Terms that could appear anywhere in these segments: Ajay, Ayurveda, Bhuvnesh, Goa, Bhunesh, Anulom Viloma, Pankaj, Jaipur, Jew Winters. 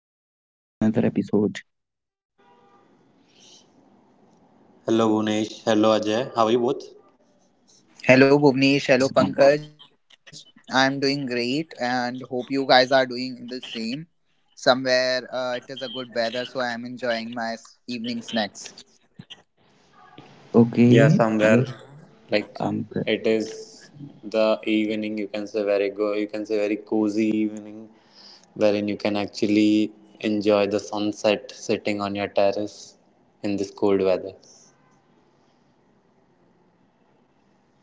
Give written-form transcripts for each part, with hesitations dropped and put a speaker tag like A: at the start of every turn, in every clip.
A: another episode.
B: Hello Bhunesh, hello Ajay. How are you both?
C: Hello Bhuvnesh, hello
A: Yes, um,
C: Pankaj. I'm doing great and hope you guys are doing the same. Somewhere it is a good weather, so I'm enjoying my evening snacks.
B: Yeah,
A: okay,
B: somewhere
A: yes,
B: like
A: um, pr-
B: it is the evening, you can say very go, you can say very cozy evening, wherein you can actually enjoy the sunset sitting on your terrace in this cold weather.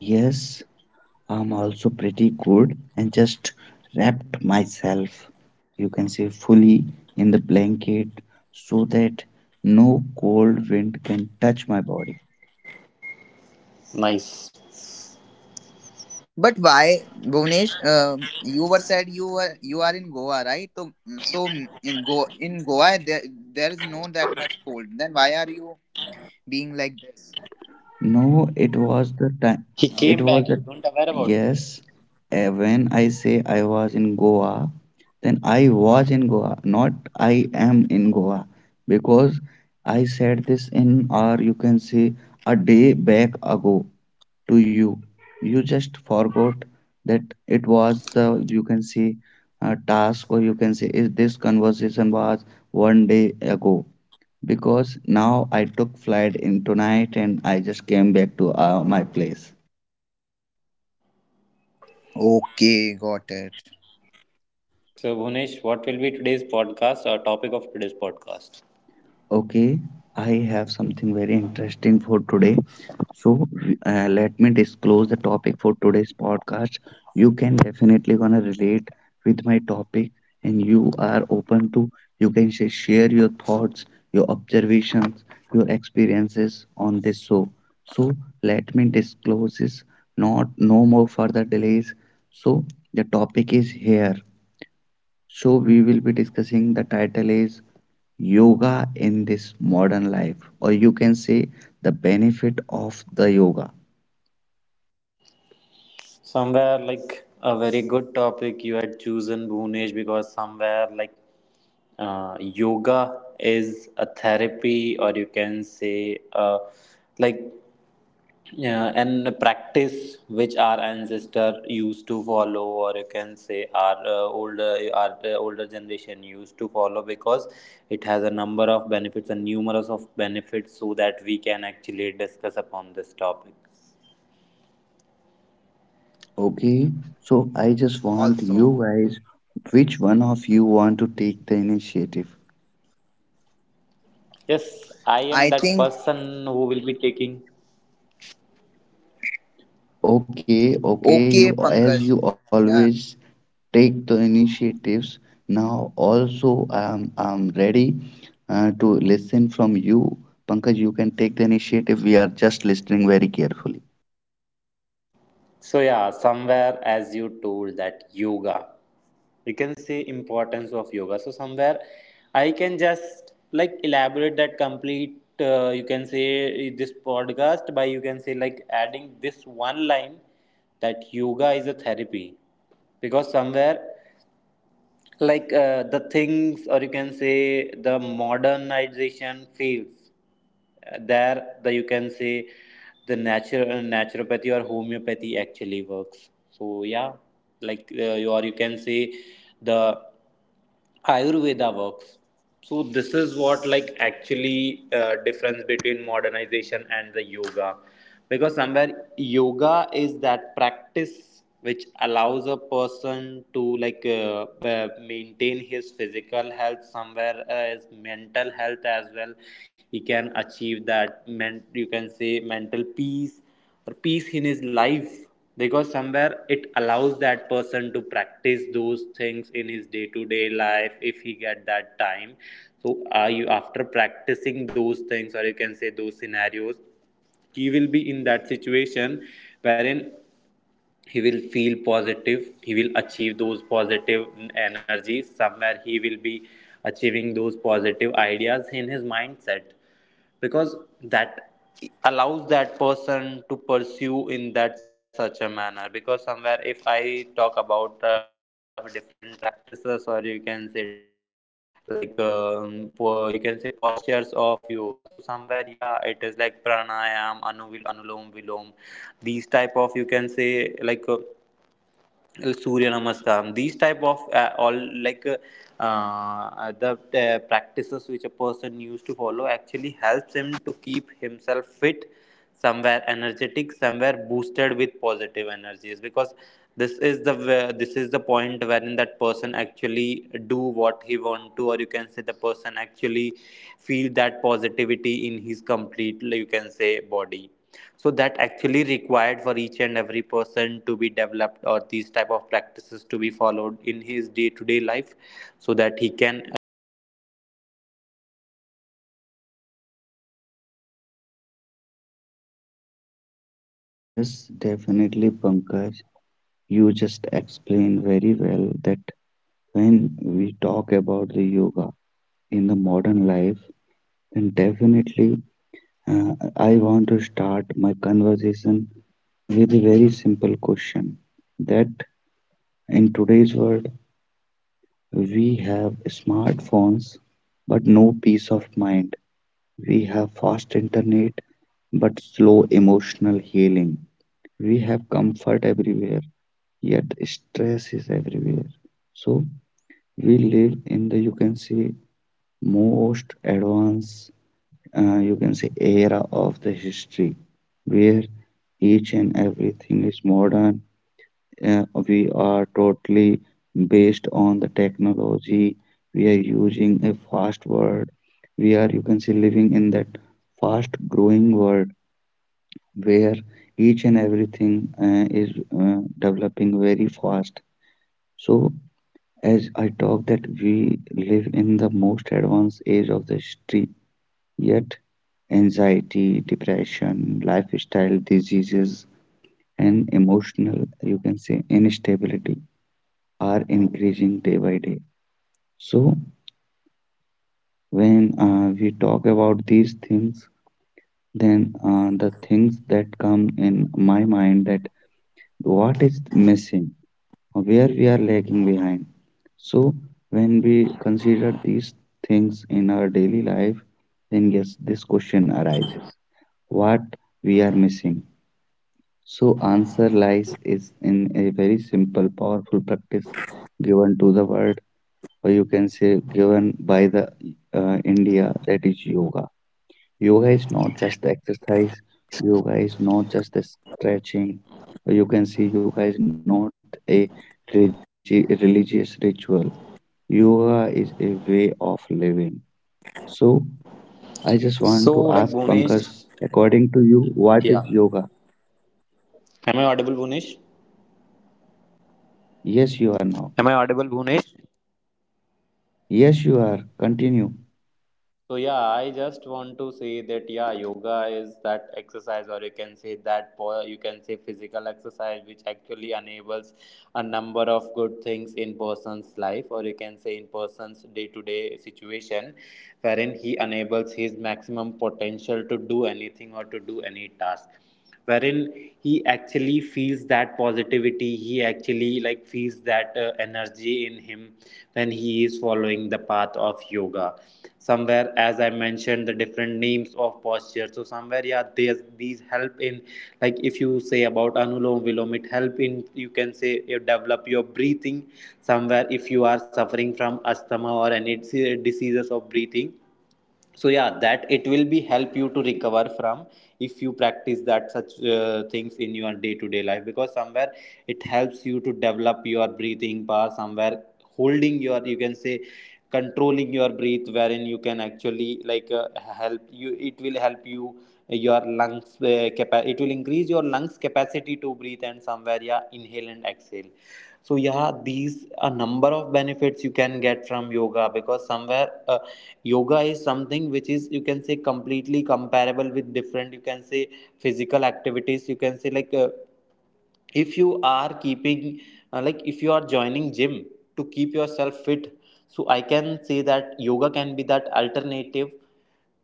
A: yes, I'm also pretty good and just wrapped myself, you can say, fully in the blanket so that no cold wind can touch my body.
B: Nice.
C: But why, Bhuvnesh? You were said you were you are in Goa, right? So, so in Go in Goa there is no that much cold. Then why are you being like this?
A: No,
B: He
A: it
B: came
A: was the
B: back. You
A: time.
B: don't aware about
A: It
B: it.
A: was the yes. eh, When I say I was in Goa, then I was in Goa, not I am in Goa, because I said this in or you can say a day back ago to you. You just forgot that it was the you can say task or you can say is this conversation was one day ago because now I took flight in tonight and I just came back to my place.
C: Okay, got it.
B: So, Bhunesh, what will be today's podcast or topic of today's podcast?
A: Okay, I have something very interesting for today. So let me disclose the topic for today's podcast. You can definitely gonna relate with my topic, and you are open to share your thoughts, your observations, your experiences on this show. So let me disclose this. Not no more further delays. So the topic is here. So, we will be discussing the title is Yoga in this modern life, or you can say the benefit of the yoga.
B: Somewhere like a very good topic you had chosen, Bhunesh, because somewhere like yoga is a therapy, or you can say, like, uh, and a practice which our ancestor used to follow, or you can say our older generation used to follow because it has a number of benefits and numerous of benefits, so that we can actually discuss upon this topic.
A: Okay, so I just want
C: Also,
A: you guys, which one of you want to take the initiative?
B: Yes, I am
C: I
B: that
C: think
B: person who will be taking.
A: Okay, you
C: okay,
A: as you
C: Pankaj.
A: always
C: Yeah.
A: take the initiatives. Now, also, I'm ready to listen from you. Pankaj, you can take the initiative. We are just listening very carefully.
B: So yeah, somewhere as you told that yoga, you can say importance of yoga. So somewhere, I can just like elaborate that complete. You can say this podcast by you can say like adding this one line that yoga is a therapy because somewhere like the things or you can say the modernization fields. There the you can say the natural naturopathy or homeopathy actually works, so yeah like or you can say the Ayurveda works. So this is what like actually difference between modernization and the yoga, because somewhere yoga is that practice which allows a person to like maintain his physical health, somewhere his mental health as well. He can achieve that. You can say mental peace or peace in his life because somewhere it allows that person to practice those things in his day-to-day life if he get that time, so are you after practicing those things or you can say those scenarios, he will be in that situation wherein he will feel positive, he will achieve those positive energies, somewhere he will be achieving those positive ideas in his mindset because that allows that person to pursue in that such a manner, because somewhere if I talk about different practices or you can say different like you can say postures of yoga, so somewhere yeah it is like pranayam anuvil anulom vilom, these type of you can say like surya namaskaram, these type of all like the practices which a person used to follow actually helps him to keep himself fit, somewhere energetic, somewhere boosted with positive energies, because this is the point wherein that person do what he want to, or you can say the person actually feel that positivity in his complete like you can say body, so that actually required for each and every person to be developed, or these type of practices to be followed in his day to day life so that he can achieve that positive or you can say like a positive environment in towards in surroundings of him,
A: Yes,
B: because that
A: definitely, Pankaj.
B: positivity help you
A: You just
B: to enjoy
A: explained
B: your
A: very
B: life, to
A: well that
B: live your life, to
A: when
B: have
A: we
B: that
A: talk about the
B: or
A: yoga
B: you can say to
A: in
B: set
A: the
B: your goals
A: modern
B: in your
A: life,
B: life,
A: then
B: because a
A: definitely
B: person who doesn't had
A: I
B: any
A: want
B: goal
A: to
B: is a
A: start my
B: person like
A: conversation
B: had that nothing
A: with
B: in
A: a
B: his
A: very
B: life, so
A: simple
B: somewhere
A: question
B: it helps
A: that
B: you to be in
A: in
B: that
A: today's
B: positive
A: world,
B: zone to like develop
A: we have
B: something good or you can say
A: smartphones
B: some skills
A: but
B: good,
A: no peace of
B: so yeah
A: mind.
B: it actually
A: We
B: had
A: have
B: that
A: fast
B: type of
A: internet
B: importance or you can say
A: but slow
B: significance in
A: emotional
B: each and
A: healing.
B: everyone's life,
A: We have
B: so
A: comfort everywhere
B: that
A: yet stress is
B: got it
A: everywhere.
B: used to be
A: So
B: promoted by our
A: we
B: government
A: live
B: as well,
A: in
B: or
A: the
B: you
A: you
B: can
A: can
B: say
A: say
B: yoga day is
A: most
B: also celebrated
A: advanced
B: wherein people used to
A: you can say
B: perform a number
A: era
B: of you
A: of the
B: can say
A: history
B: like
A: where each and
B: activities in
A: everything
B: like
A: is modern.
B: promoting yoga so that person
A: We
B: can
A: are
B: actually know the
A: totally
B: importance of
A: based on the technology.
B: yoga at
A: We are
B: that particular
A: using a
B: moment.
A: fast world. We are you
B: So
A: can say living in
B: yes,
A: that fast
B: in
A: growing
B: this
A: world
B: scenario there is
A: where
B: that
A: each
B: situation
A: and
B: wherein the
A: everything
B: person actually
A: is
B: need to follow that
A: developing
B: yoga
A: very
B: posture
A: fast.
B: situations.
A: So as I talk that we live in the most advanced age of the history, yet anxiety, depression, lifestyle diseases, and emotional, you can say, instability are increasing day by day. So, when we talk about these things, then the things that come in my mind that what is missing, where we are lagging behind. So when we consider these things in our daily life, then yes, this question arises. What we are missing? So answer lies is in a very simple, powerful practice given to the world, or you can say given by the India, that is yoga. Yoga is not just the exercise, yoga is not just the stretching. You can see yoga is not a religious ritual. Yoga is a way of living. So I just want to ask Pankaj,
B: So, like
A: according to you,
B: Bhunesh,
A: what is yoga?
B: yeah. Am I audible, Bhunesh?
A: Yes, you are now.
B: Am I audible, Bhunesh?
A: Yes, you are. Continue.
B: So yeah, I just want to say that yeah, yoga is that exercise, or you can say that you can say physical exercise, which actually enables a number of good things in person's life, or you can say in person's day-to-day situation, wherein he enables his maximum potential to do anything or to do any task, wherein he actually feels that positivity, he actually like feels that energy in him when he is following the path of yoga. Somewhere as I mentioned the different names of posture, so somewhere yeah there's these help in, like if you say about anulom vilom, it help in you can say you develop your breathing, somewhere if you are suffering from asthma or any diseases of breathing, so yeah that it will be help you to recover from if you practice that such things in your day to day life, because somewhere it helps you to develop your breathing power, somewhere holding your you can say controlling your breath, wherein you can actually like help you it will help you it will increase your lungs capacity to breathe and somewhere yeah inhale and exhale. So yeah, these a number of benefits you can get from yoga, because somewhere yoga is something which is you can say completely comparable with different you can say physical activities, you can say like if you are keeping like if you are joining gym to keep yourself fit, so I can say that yoga can be that alternative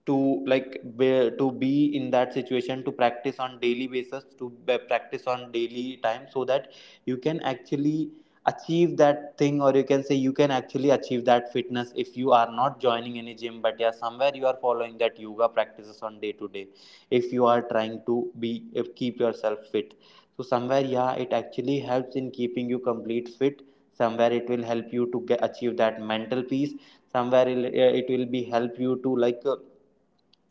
B: to to be in that situation to practice on daily basis, to practice on daily time so that you can actually achieve that thing, or you can say you can actually achieve that fitness if you are not joining any gym, but yeah somewhere you are following that yoga practices on day to day, if you are trying to be if keep yourself fit, so somewhere yeah it actually helps in keeping you complete fit, somewhere it will help you to achieve that mental peace, somewhere it will be help you to like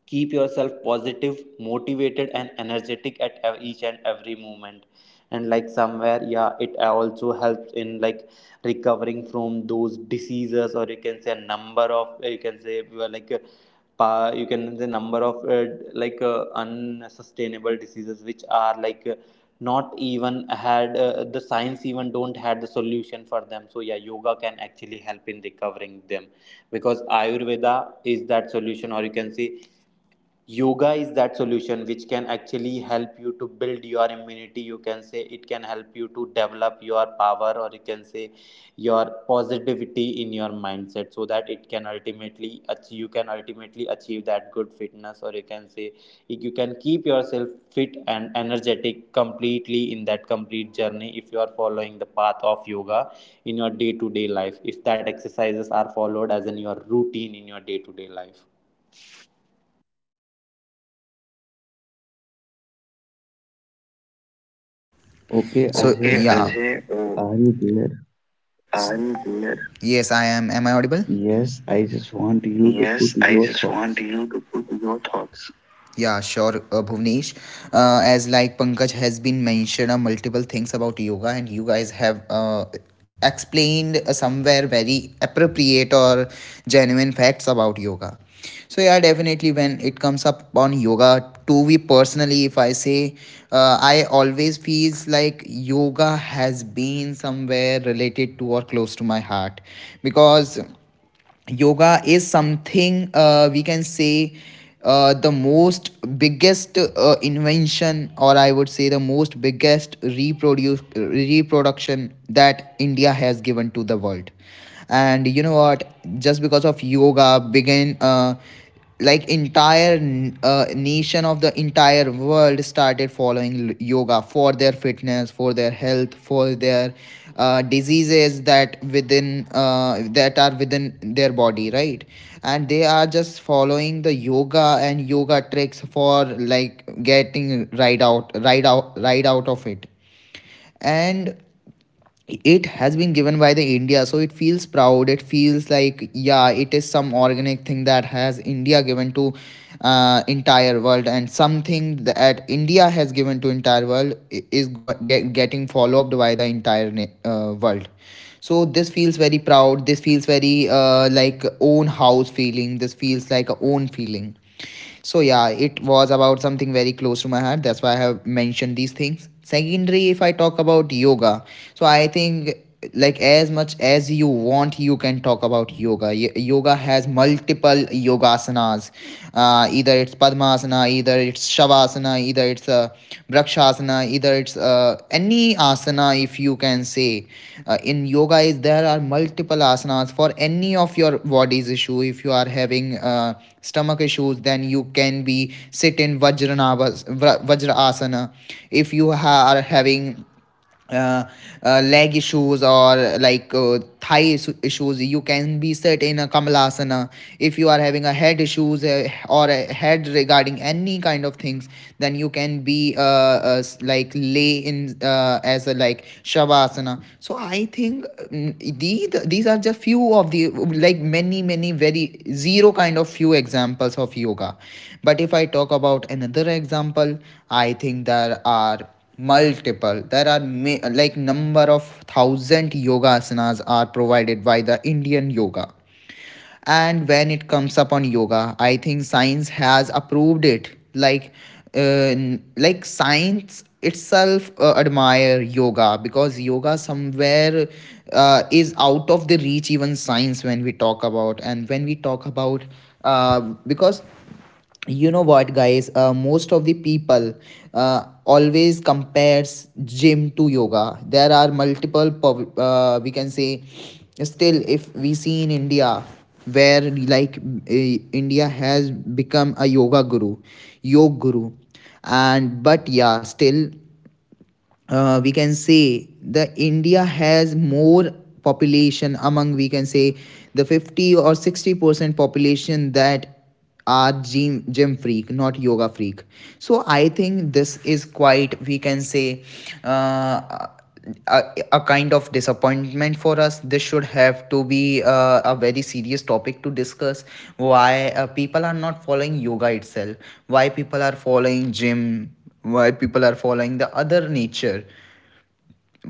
B: keep yourself positive, motivated and energetic at each and every moment, and like somewhere yeah it also helps in like recovering from those diseases, or you can say a number of you can say well, like you can say number of unsustainable diseases which are like not even had the science even don't had the solution for them, so yeah yoga can actually help in recovering them because ayurveda is that solution, or you can say yoga is that solution which can actually help you to build your immunity, you can say it can help you to develop your power, or you can say your positivity in your mindset, so that it can ultimately you can ultimately achieve that good fitness, or you can say you can keep yourself fit and energetic completely in that complete journey if you are following the path of yoga in your day to day life, if that exercises are followed as in your routine in your day to day life.
A: Okay, Ajay,
C: So
A: oh,
C: okay, yeah. Ajay.
A: are you there?
C: I'm here. Yes, I am. Am I audible?
A: Yes, I just want you
C: Yes,
A: to put
C: I just
A: your
C: want you
A: thoughts.
C: to put your thoughts. Yeah, sure, Bhuvnesh. As like Pankaj has been mentioned, multiple things about yoga, and you guys have explained somewhere very appropriate or genuine facts about yoga. So yeah, definitely when it comes up on yoga, to me personally, if I say, I always feels like yoga has been somewhere related to or close to my heart, because yoga is something we can say the most biggest invention, or I would say the most biggest reproduce reproduction that India has given to the world. And you know what, just because of yoga began, like entire nation of the entire world started following yoga for their fitness, for their health, for their diseases that within that are within their body, right? And they are just following the yoga and yoga tricks for like getting right out of it. And it has been given by the India, so it feels proud, it feels like, yeah, it is some organic thing that has India given to entire world. And something that India has given to entire world is getting followed by the entire world. So this feels very proud, this feels very like own house feeling, this feels like a own feeling. So yeah, it was about something very close to my heart, that's why I have mentioned these things. Secondary, if I talk about yoga, so I think, like, as much as you want, you can talk about yoga. Yoga has multiple yogasanas, either it's padmasana, either it's shavasana, either it's brakshasana, either it's any asana, if you can say. In yoga is there are multiple asanas for any of your body's issue. If you are having stomach issues, then you can be sit in vajra asana. If you are having uh, leg issues or like thigh issues, you can be set in a kamalasana. If you are having a head issues, or a head regarding any kind of things, then you can be like lay in as a like shavasana. So I think, these are just few of the, like, many many very zero kind of few examples of yoga. But if I talk about another example, I think there are multiple, there are like number of thousand yoga asanas are provided by the Indian yoga. And when it comes upon yoga, I think science has approved it like, uh, like science itself admire yoga, because yoga somewhere is out of the reach even science when we talk about. And when we talk about, uh, because you know what, guys, most of the people always compares gym to yoga. There are multiple we can say, still if we see in India, where like, India has become a yoga guru, yog guru. And but yeah, still we can say the India has more population among, we can say, the 50 or 60% population that are gym freak, not yoga freak. So I think this is quite, we can say, uh, a, a kind of disappointment for us. This should have to be a very serious topic to discuss. Why people are not following yoga itself? Why people are following gym? Why people are following the other nature?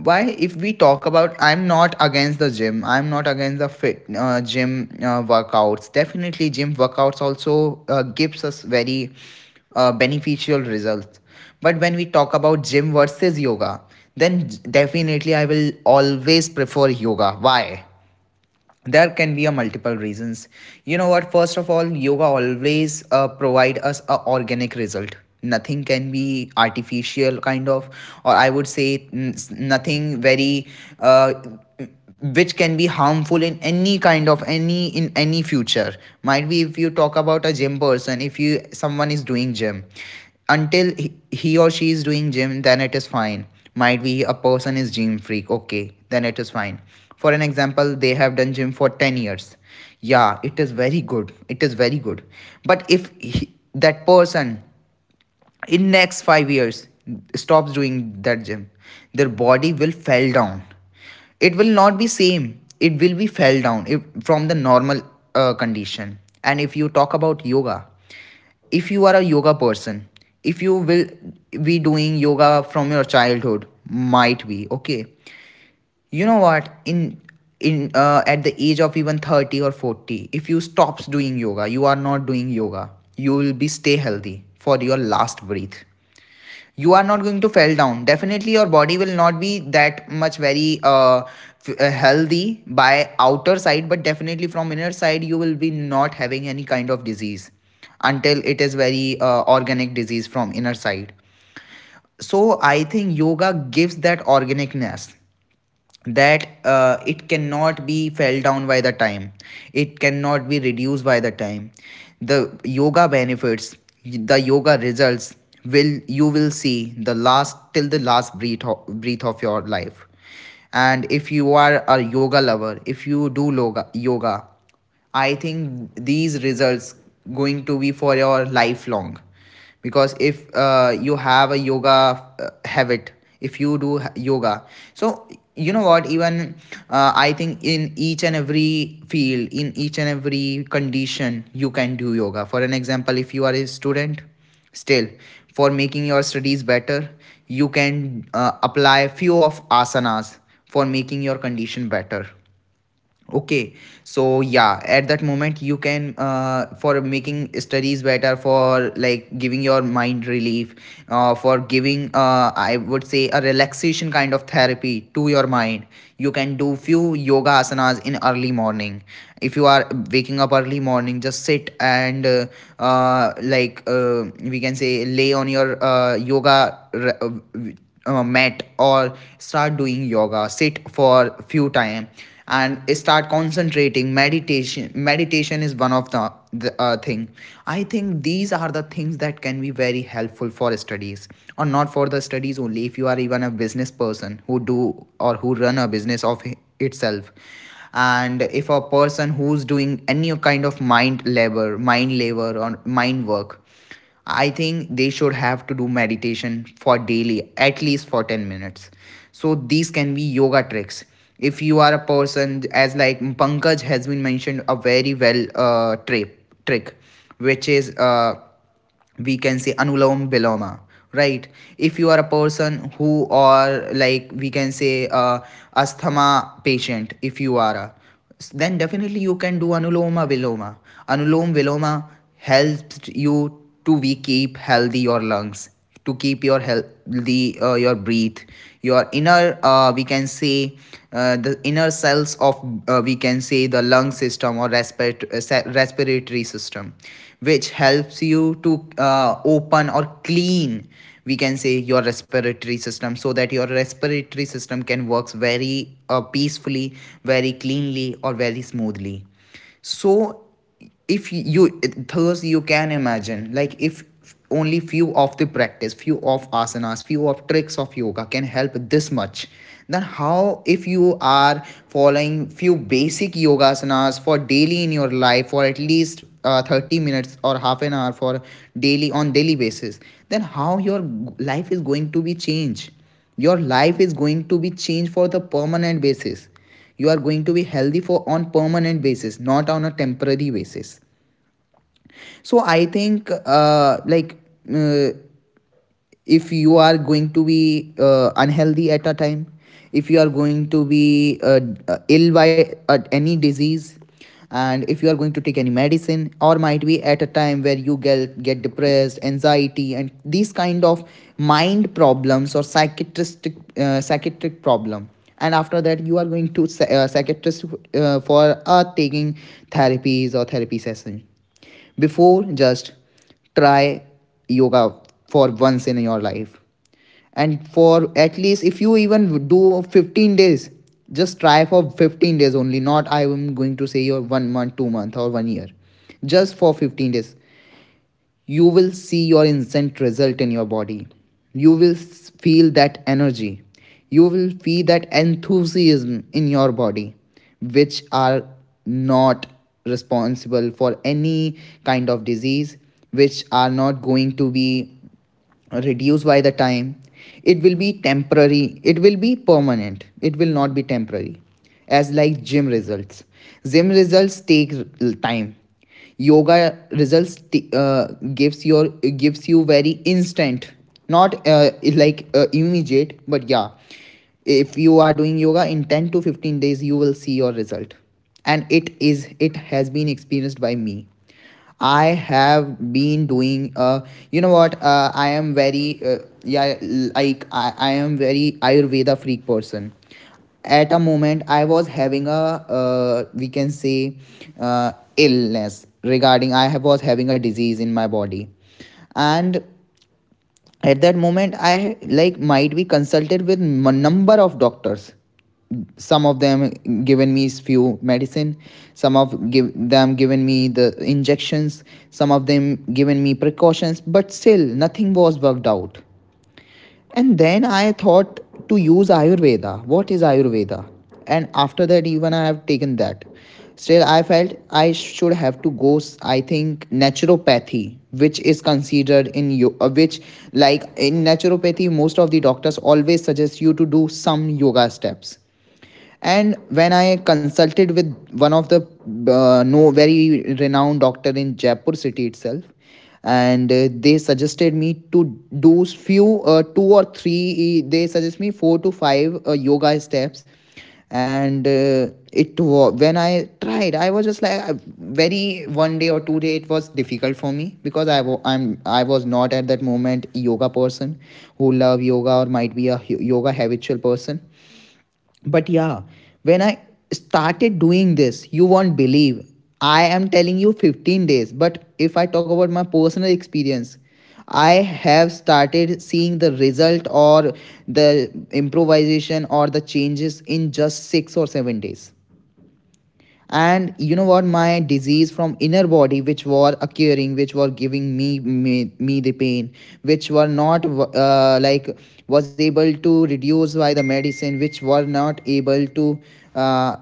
C: Why if we talk about, I'm not against the gym, I'm not against the fit gym workouts. Definitely gym workouts also gives us very beneficial results. But when we talk about gym versus yoga, then definitely I will always prefer yoga. Why? There can be a multiple reasons. You know what, first of all, yoga always provide us a organic result. Nothing can be artificial kind of, or I would say nothing very uh, which can be harmful in any kind of any in any future. Might be if you talk about a gym person, if you someone is doing gym, until he or she is doing gym, then it is fine. Might be a person is gym freak, okay, then it is fine. For an example, they have done gym for 10 years. Yeah, it is very good, it is very good. But if he, that person in next 5 years stops doing that gym, their body will fell down. It will not be same, it will be fell down if, from the normal condition. And if you talk about yoga, if you are a yoga person, if you will be doing yoga from your childhood, might be okay. You know what, in at the age of even 30 or 40, if you stops doing yoga, you are not doing yoga, you will be stay healthy for your last breath. You are not going to fall down. Definitely your body will not be that much very healthy by outer side, but definitely from inner side you will be not having any kind of disease, until it is very organic disease from inner side. So I think yoga gives that organicness, that it cannot be fell down by the time, it cannot be reduced by the time. The yoga benefits, the yoga results, will you will see the last till the last breath of your life. And if you are a yoga lover, if you do yoga, I think these results going to be for your lifelong. Because if you have a yoga habit, if you do yoga, so you know what, even I think in each and every field, in each and every condition, you can do yoga. For an example, if you are a student, still, for making your studies better, you can apply few of asanas for making your condition better, okay. So yeah, at that moment, you can for making studies better, for like giving your mind relief, for giving, I would say, a relaxation kind of therapy to your mind. You can do few yoga asanas in early morning. If you are waking up early morning, just sit and like, we can say lay on your yoga mat or start doing yoga, sit for a few time and start concentrating meditation. Meditation is one of the thing. I think these are the things that can be very helpful for studies, or not for the studies only. If you are even a business person who do or who run a business of itself, and if a person who's doing any kind of mind labor or mind work, I think they should have to do meditation for daily, at least for 10 minutes. So these can be yoga tricks. If you are a person, as like Pankaj has been mentioned, a very well trick, which is we can say Anulam Viloma, right? If you are a person who, or like we can say asthma patient if you are a, then definitely you can do anuloma viloma. Anulom viloma helps you to we keep healthy your lungs, to keep your healthy your breath, your inner, we can say, the inner cells of, we can say, the lung system or respiratory respiratory system, which helps you to open or clean, we can say, your respiratory system, so that your respiratory system can works very peacefully, very cleanly or very smoothly. So if you, thus you can imagine, like, if only few of the practice, few of asanas, few of tricks of yoga can help this much, then how if you are following few basic yoga asanas for daily in your life, for at least 30 minutes or half an hour for daily on daily basis, then how your life is going to be changed. Your life is going to be changed for the permanent basis. You are going to be healthy for on permanent basis, not on a temporary basis. So I think like uh, if you are going to be unhealthy at a time, if you are going to be ill by any disease, and if you are going to take any medicine, or might be at a time where You get depressed anxiety and these kind of mind problems or psychiatric problem. And after that you are going to psychiatrist for taking therapies or therapy session before, just try yoga for once in your life. And for at least, if you even do 15 days, just try for 15 days only. Not I am going to say your 1 month, 2 month, or 1 year. Just for 15 days you will see your instant result in your body. You will feel that energy. You will feel that enthusiasm in your body, which are not responsible for any kind of disease, which are not going to be reduce by the time. It will be temporary, it will be permanent, it will not be temporary. As like gym results, gym results take time. Yoga results gives you very instant, not like immediate, but yeah, if you are doing yoga in 10 to 15 days you will see your result. And it has been experienced by me. I have been doing you know what I am very yeah, like I am very Ayurveda freak person. At a moment I was having a we can say uh illness regarding. Was having a disease in my body, and at that moment I like might be consulted with number of doctors. Some of them given me few medicine, some of given me the injections, some of them given me precautions, but still nothing was worked out. And then I thought to use Ayurveda. What is Ayurveda? And after that even I have taken that, still I felt I should have to go, I think, naturopathy, which is considered in yoga, which, like, in naturopathy most of the doctors always suggest you to do some yoga steps. And when I consulted with one of the no very renowned doctor in Jaipur city itself, and they suggested me to do few two or three e, they suggest me four to five yoga steps. And it when I tried, I was just like very 1 day or 2 day it was difficult for me, because I I was not at that moment yoga person who love yoga or might be a yoga habitual person. But yeah, when I started doing this, you won't believe, I am telling you 15 days, but if I talk about my personal experience, I have started seeing the result or the improvisation or the changes in just 6 or 7 days. And you know what, my disease from inner body which were occurring, which were giving me the pain, which were not was able to reduce by the medicine, which were not able to uh,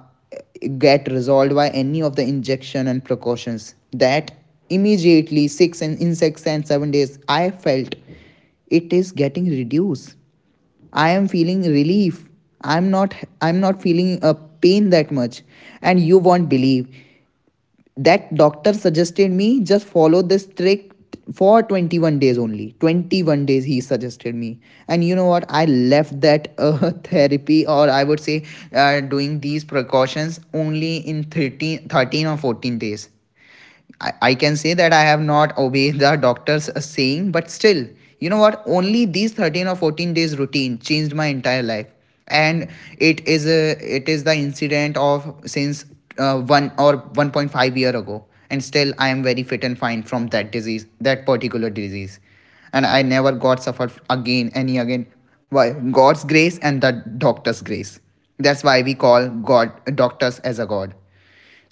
C: get resolved by any of the injection and precautions, that immediately 6 and 7 days I felt it is getting reduced. I am feeling relief. I'm not I'm not feeling a pain that much. And you won't believe. That doctor suggested me just follow this trick for 21 days, only 21 days he suggested me. And you know what, I left that therapy, or I would say doing these precautions only in 13 or 14 days. I can say that I have not obeyed the doctor's saying, but still, you know what? Only these 13 or 14 days routine changed my entire life. And it is the incident of since 1 or 1.5 year ago. And still, I am very fit and fine from that disease, that particular disease. And I never got suffered again, any again. Why? God's grace and the doctor's grace. That's why we call God, doctors as a God.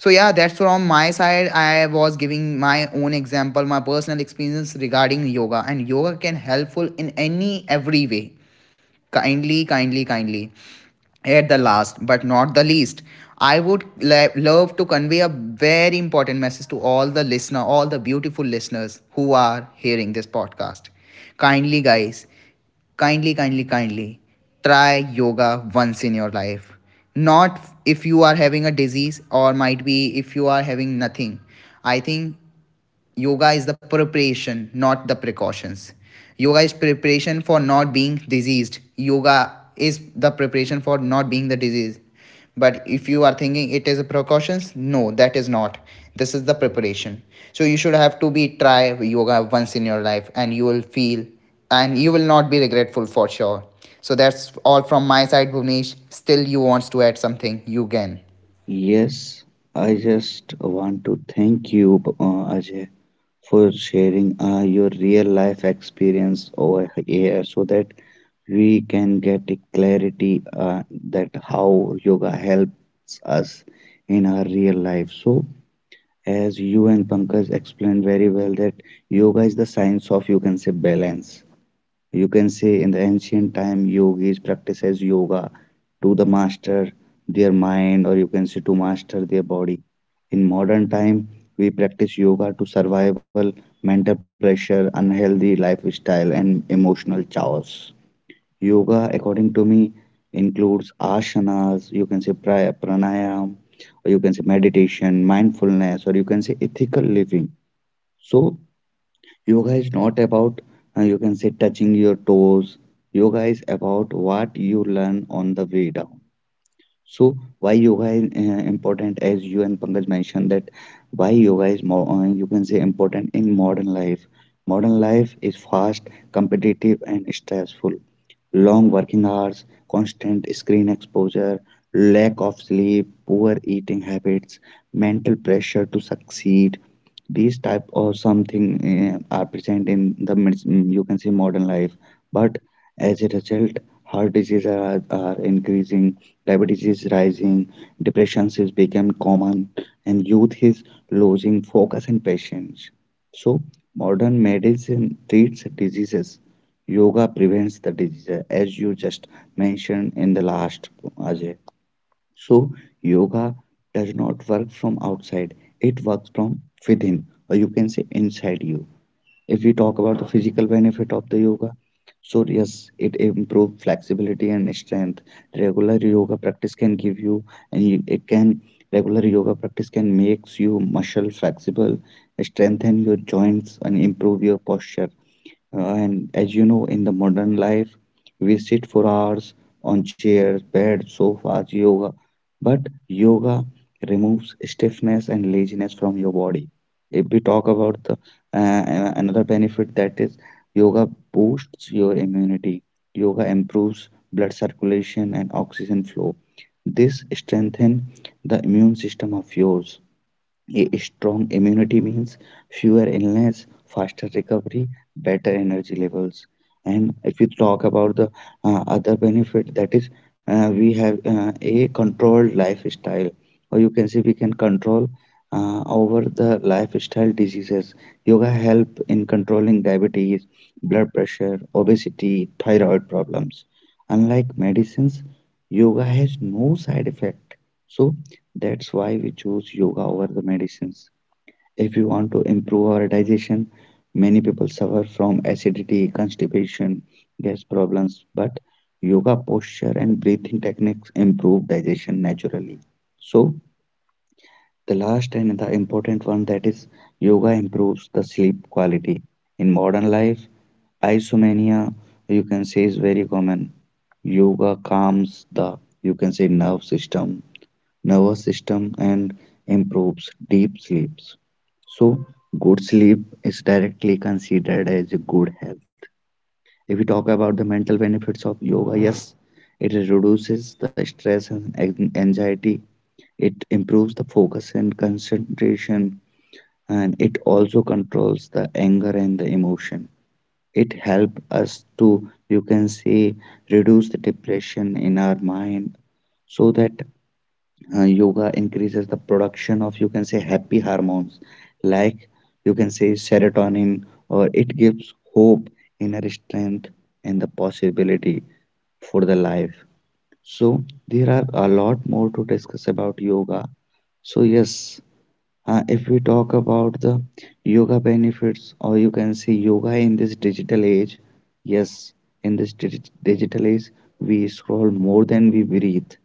C: So yeah, that's from my side, I was giving my own example, my personal experience regarding yoga, and yoga can helpful in any every way. Kindly, kindly, kindly. At the last, but not the least, I would love to convey a very important message to all the listener, all the beautiful listeners who are hearing this podcast. Kindly, guys, kindly, kindly, kindly, try yoga once in your life. Not if you are having a disease, or might be if you are having nothing. I think yoga is the preparation, not the precautions. Yoga is preparation for not being diseased. Yoga is the preparation for not being the disease. But if you are thinking it is a precautions, no, that is not. This is the preparation. So you should have to be try yoga once in your life, and you will feel, and you will not be regretful for sure. So that's all from my side, Bhuvnesh. Still you wants to add something, you can.
A: Yes, I just want to thank you, Ajay, for sharing your real life experience over here so that we can get a clarity that how yoga helps us in our real life. So as you and Pankaj explained very well that yoga is the science of you can say balance. You can say in the ancient time, yogis practices yoga to the master their mind, or you can say to master their body. In modern time, we practice yoga to survival, mental pressure, unhealthy lifestyle, and emotional chaos. Yoga, according to me, includes asanas, you can say pranayam, or you can say meditation, mindfulness, or you can say ethical living. So yoga is not about, you can say, touching your toes. Yoga is about what you learn on the way down. So, why yoga is important, as you and Pankaj mentioned, that why yoga is more, you can say, important in modern life. Modern life is fast, competitive, and stressful. Long working hours, constant screen exposure, lack of sleep, poor eating habits, mental pressure to succeed, these type or something are present in the you can say modern life. But as a result, heart disease are increasing, diabetes is rising, depression is become common, and youth is losing focus and patience. So modern medicine treats diseases, yoga prevents the disease as you just mentioned in the last, Ajay. So, yoga does not work from outside, it works from within, or you can say inside you. If we talk about the physical benefit of the yoga, so yes, it improves flexibility and strength. Regular yoga practice can give you, and you- it can regular yoga practice can makes you muscle flexible, strengthen your joints, and improve your posture. And as you know, in the modern life, we sit for hours on chairs, beds, sofas, yoga. But yoga removes stiffness and laziness from your body. If we talk about the another benefit, that is yoga boosts your immunity. Yoga improves blood circulation and oxygen flow. This strengthens the immune system of yours. A strong immunity means fewer illness, faster recovery, better energy levels. And if you talk about the other benefit, that is, we have a controlled lifestyle, or you can say we can control over the lifestyle diseases. Yoga help in controlling diabetes, blood pressure, obesity, thyroid problems. Unlike medicines, yoga has no side effect. So that's why we choose yoga over the medicines. If we want to improve our digestion, many people suffer from acidity, constipation, gas problems, but yoga posture and breathing techniques improve digestion naturally. So, the last and the important one that is yoga improves the sleep quality. In modern life, isomania you can say is very common. Yoga calms the you can say nerve system nervous system and improves deep sleeps. So, good sleep is directly considered as a good health. If we talk about the mental benefits of yoga, yes, it reduces the stress and anxiety, it improves the focus and concentration, and it also controls the anger and the emotion. It helps us to, you can say, reduce the depression in our mind so that yoga increases the production of you can say happy hormones like you can say serotonin, or it gives hope, inner strength, and the possibility for the life. So there are a lot more to discuss about yoga. So yes, if we talk about the yoga benefits, or you can say yoga in this digital age, yes, in this digital age, we scroll more than we breathe.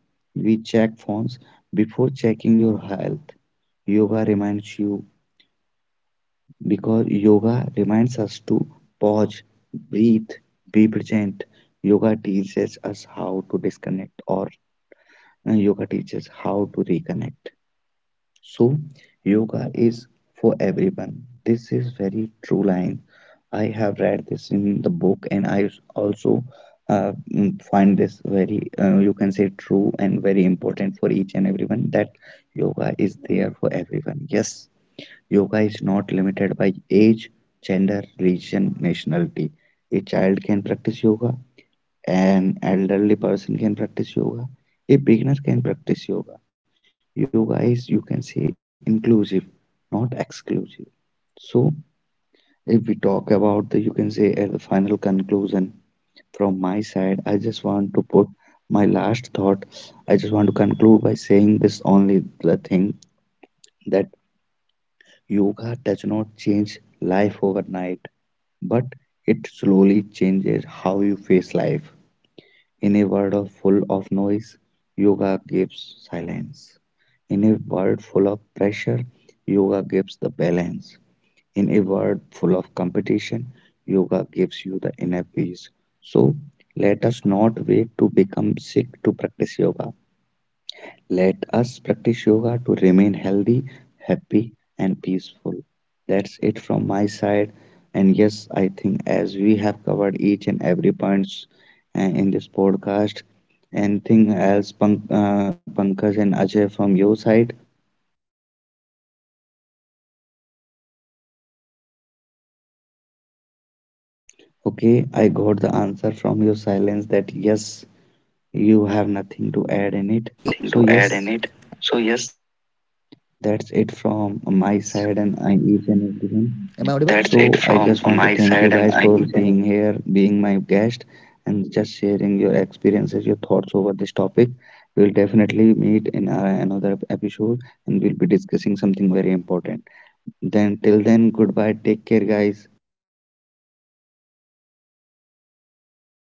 A: We check phones before checking your health. Yoga reminds you because yoga reminds us to pause, breathe, be present. Yoga teaches us how to disconnect, or yoga teaches how to reconnect. So, yoga is for everyone. This is very true line. I have read this in the book, and also find this very, you can say, true and very important for each and everyone that yoga is there for everyone. Yes, yoga is not limited by age, gender, religion, nationality. A child can practice yoga, an elderly person can practice yoga. A beginner can practice yoga. Yoga is, you can say, inclusive, not exclusive. So, if we talk about the, you can say, as a final conclusion from my side, I just want to put my last thought. I just want to conclude by saying this only the thing that yoga does not change life overnight, but it slowly changes how you face life. In a world full of noise, yoga gives silence. In a world full of pressure, yoga gives the balance. In a world full of competition, yoga gives you the inner peace. So, let us not wait to become sick to practice yoga. Let us practice yoga to remain healthy, happy, and peaceful. That's it from my side. And yes, I think as we have covered each and every points in this podcast, anything else, Pankaj and Ajay, from your side?
C: So yeah, Bhuvnesh, I would like to
A: Okay, I got
C: conclude
A: the
C: it
A: answer
C: okay, by
A: from your
C: okay, I got
A: silence
C: the
A: that
C: answer from
A: yes,
C: your silence that
A: you have
C: yes,
A: nothing to add in
C: you
A: it.
C: have
A: So,
C: nothing to
A: yes,
C: add in it. So, yes,
A: that's it from
C: am I
A: my
C: audible? That's
A: side
C: it
A: and I
C: from
A: each and
C: my side,
A: everyone.
C: and I each and
A: So I just
C: everyone.
A: want to thank you guys
C: So,
A: for
C: I just
A: being
C: want to
A: here,
C: thank you guys
A: being
C: for.
A: my guest, and just sharing your experiences, your thoughts over this topic. We'll definitely meet in another episode and we'll be discussing something very important. Then, till then, goodbye. Take care, guys.
C: Bye bye.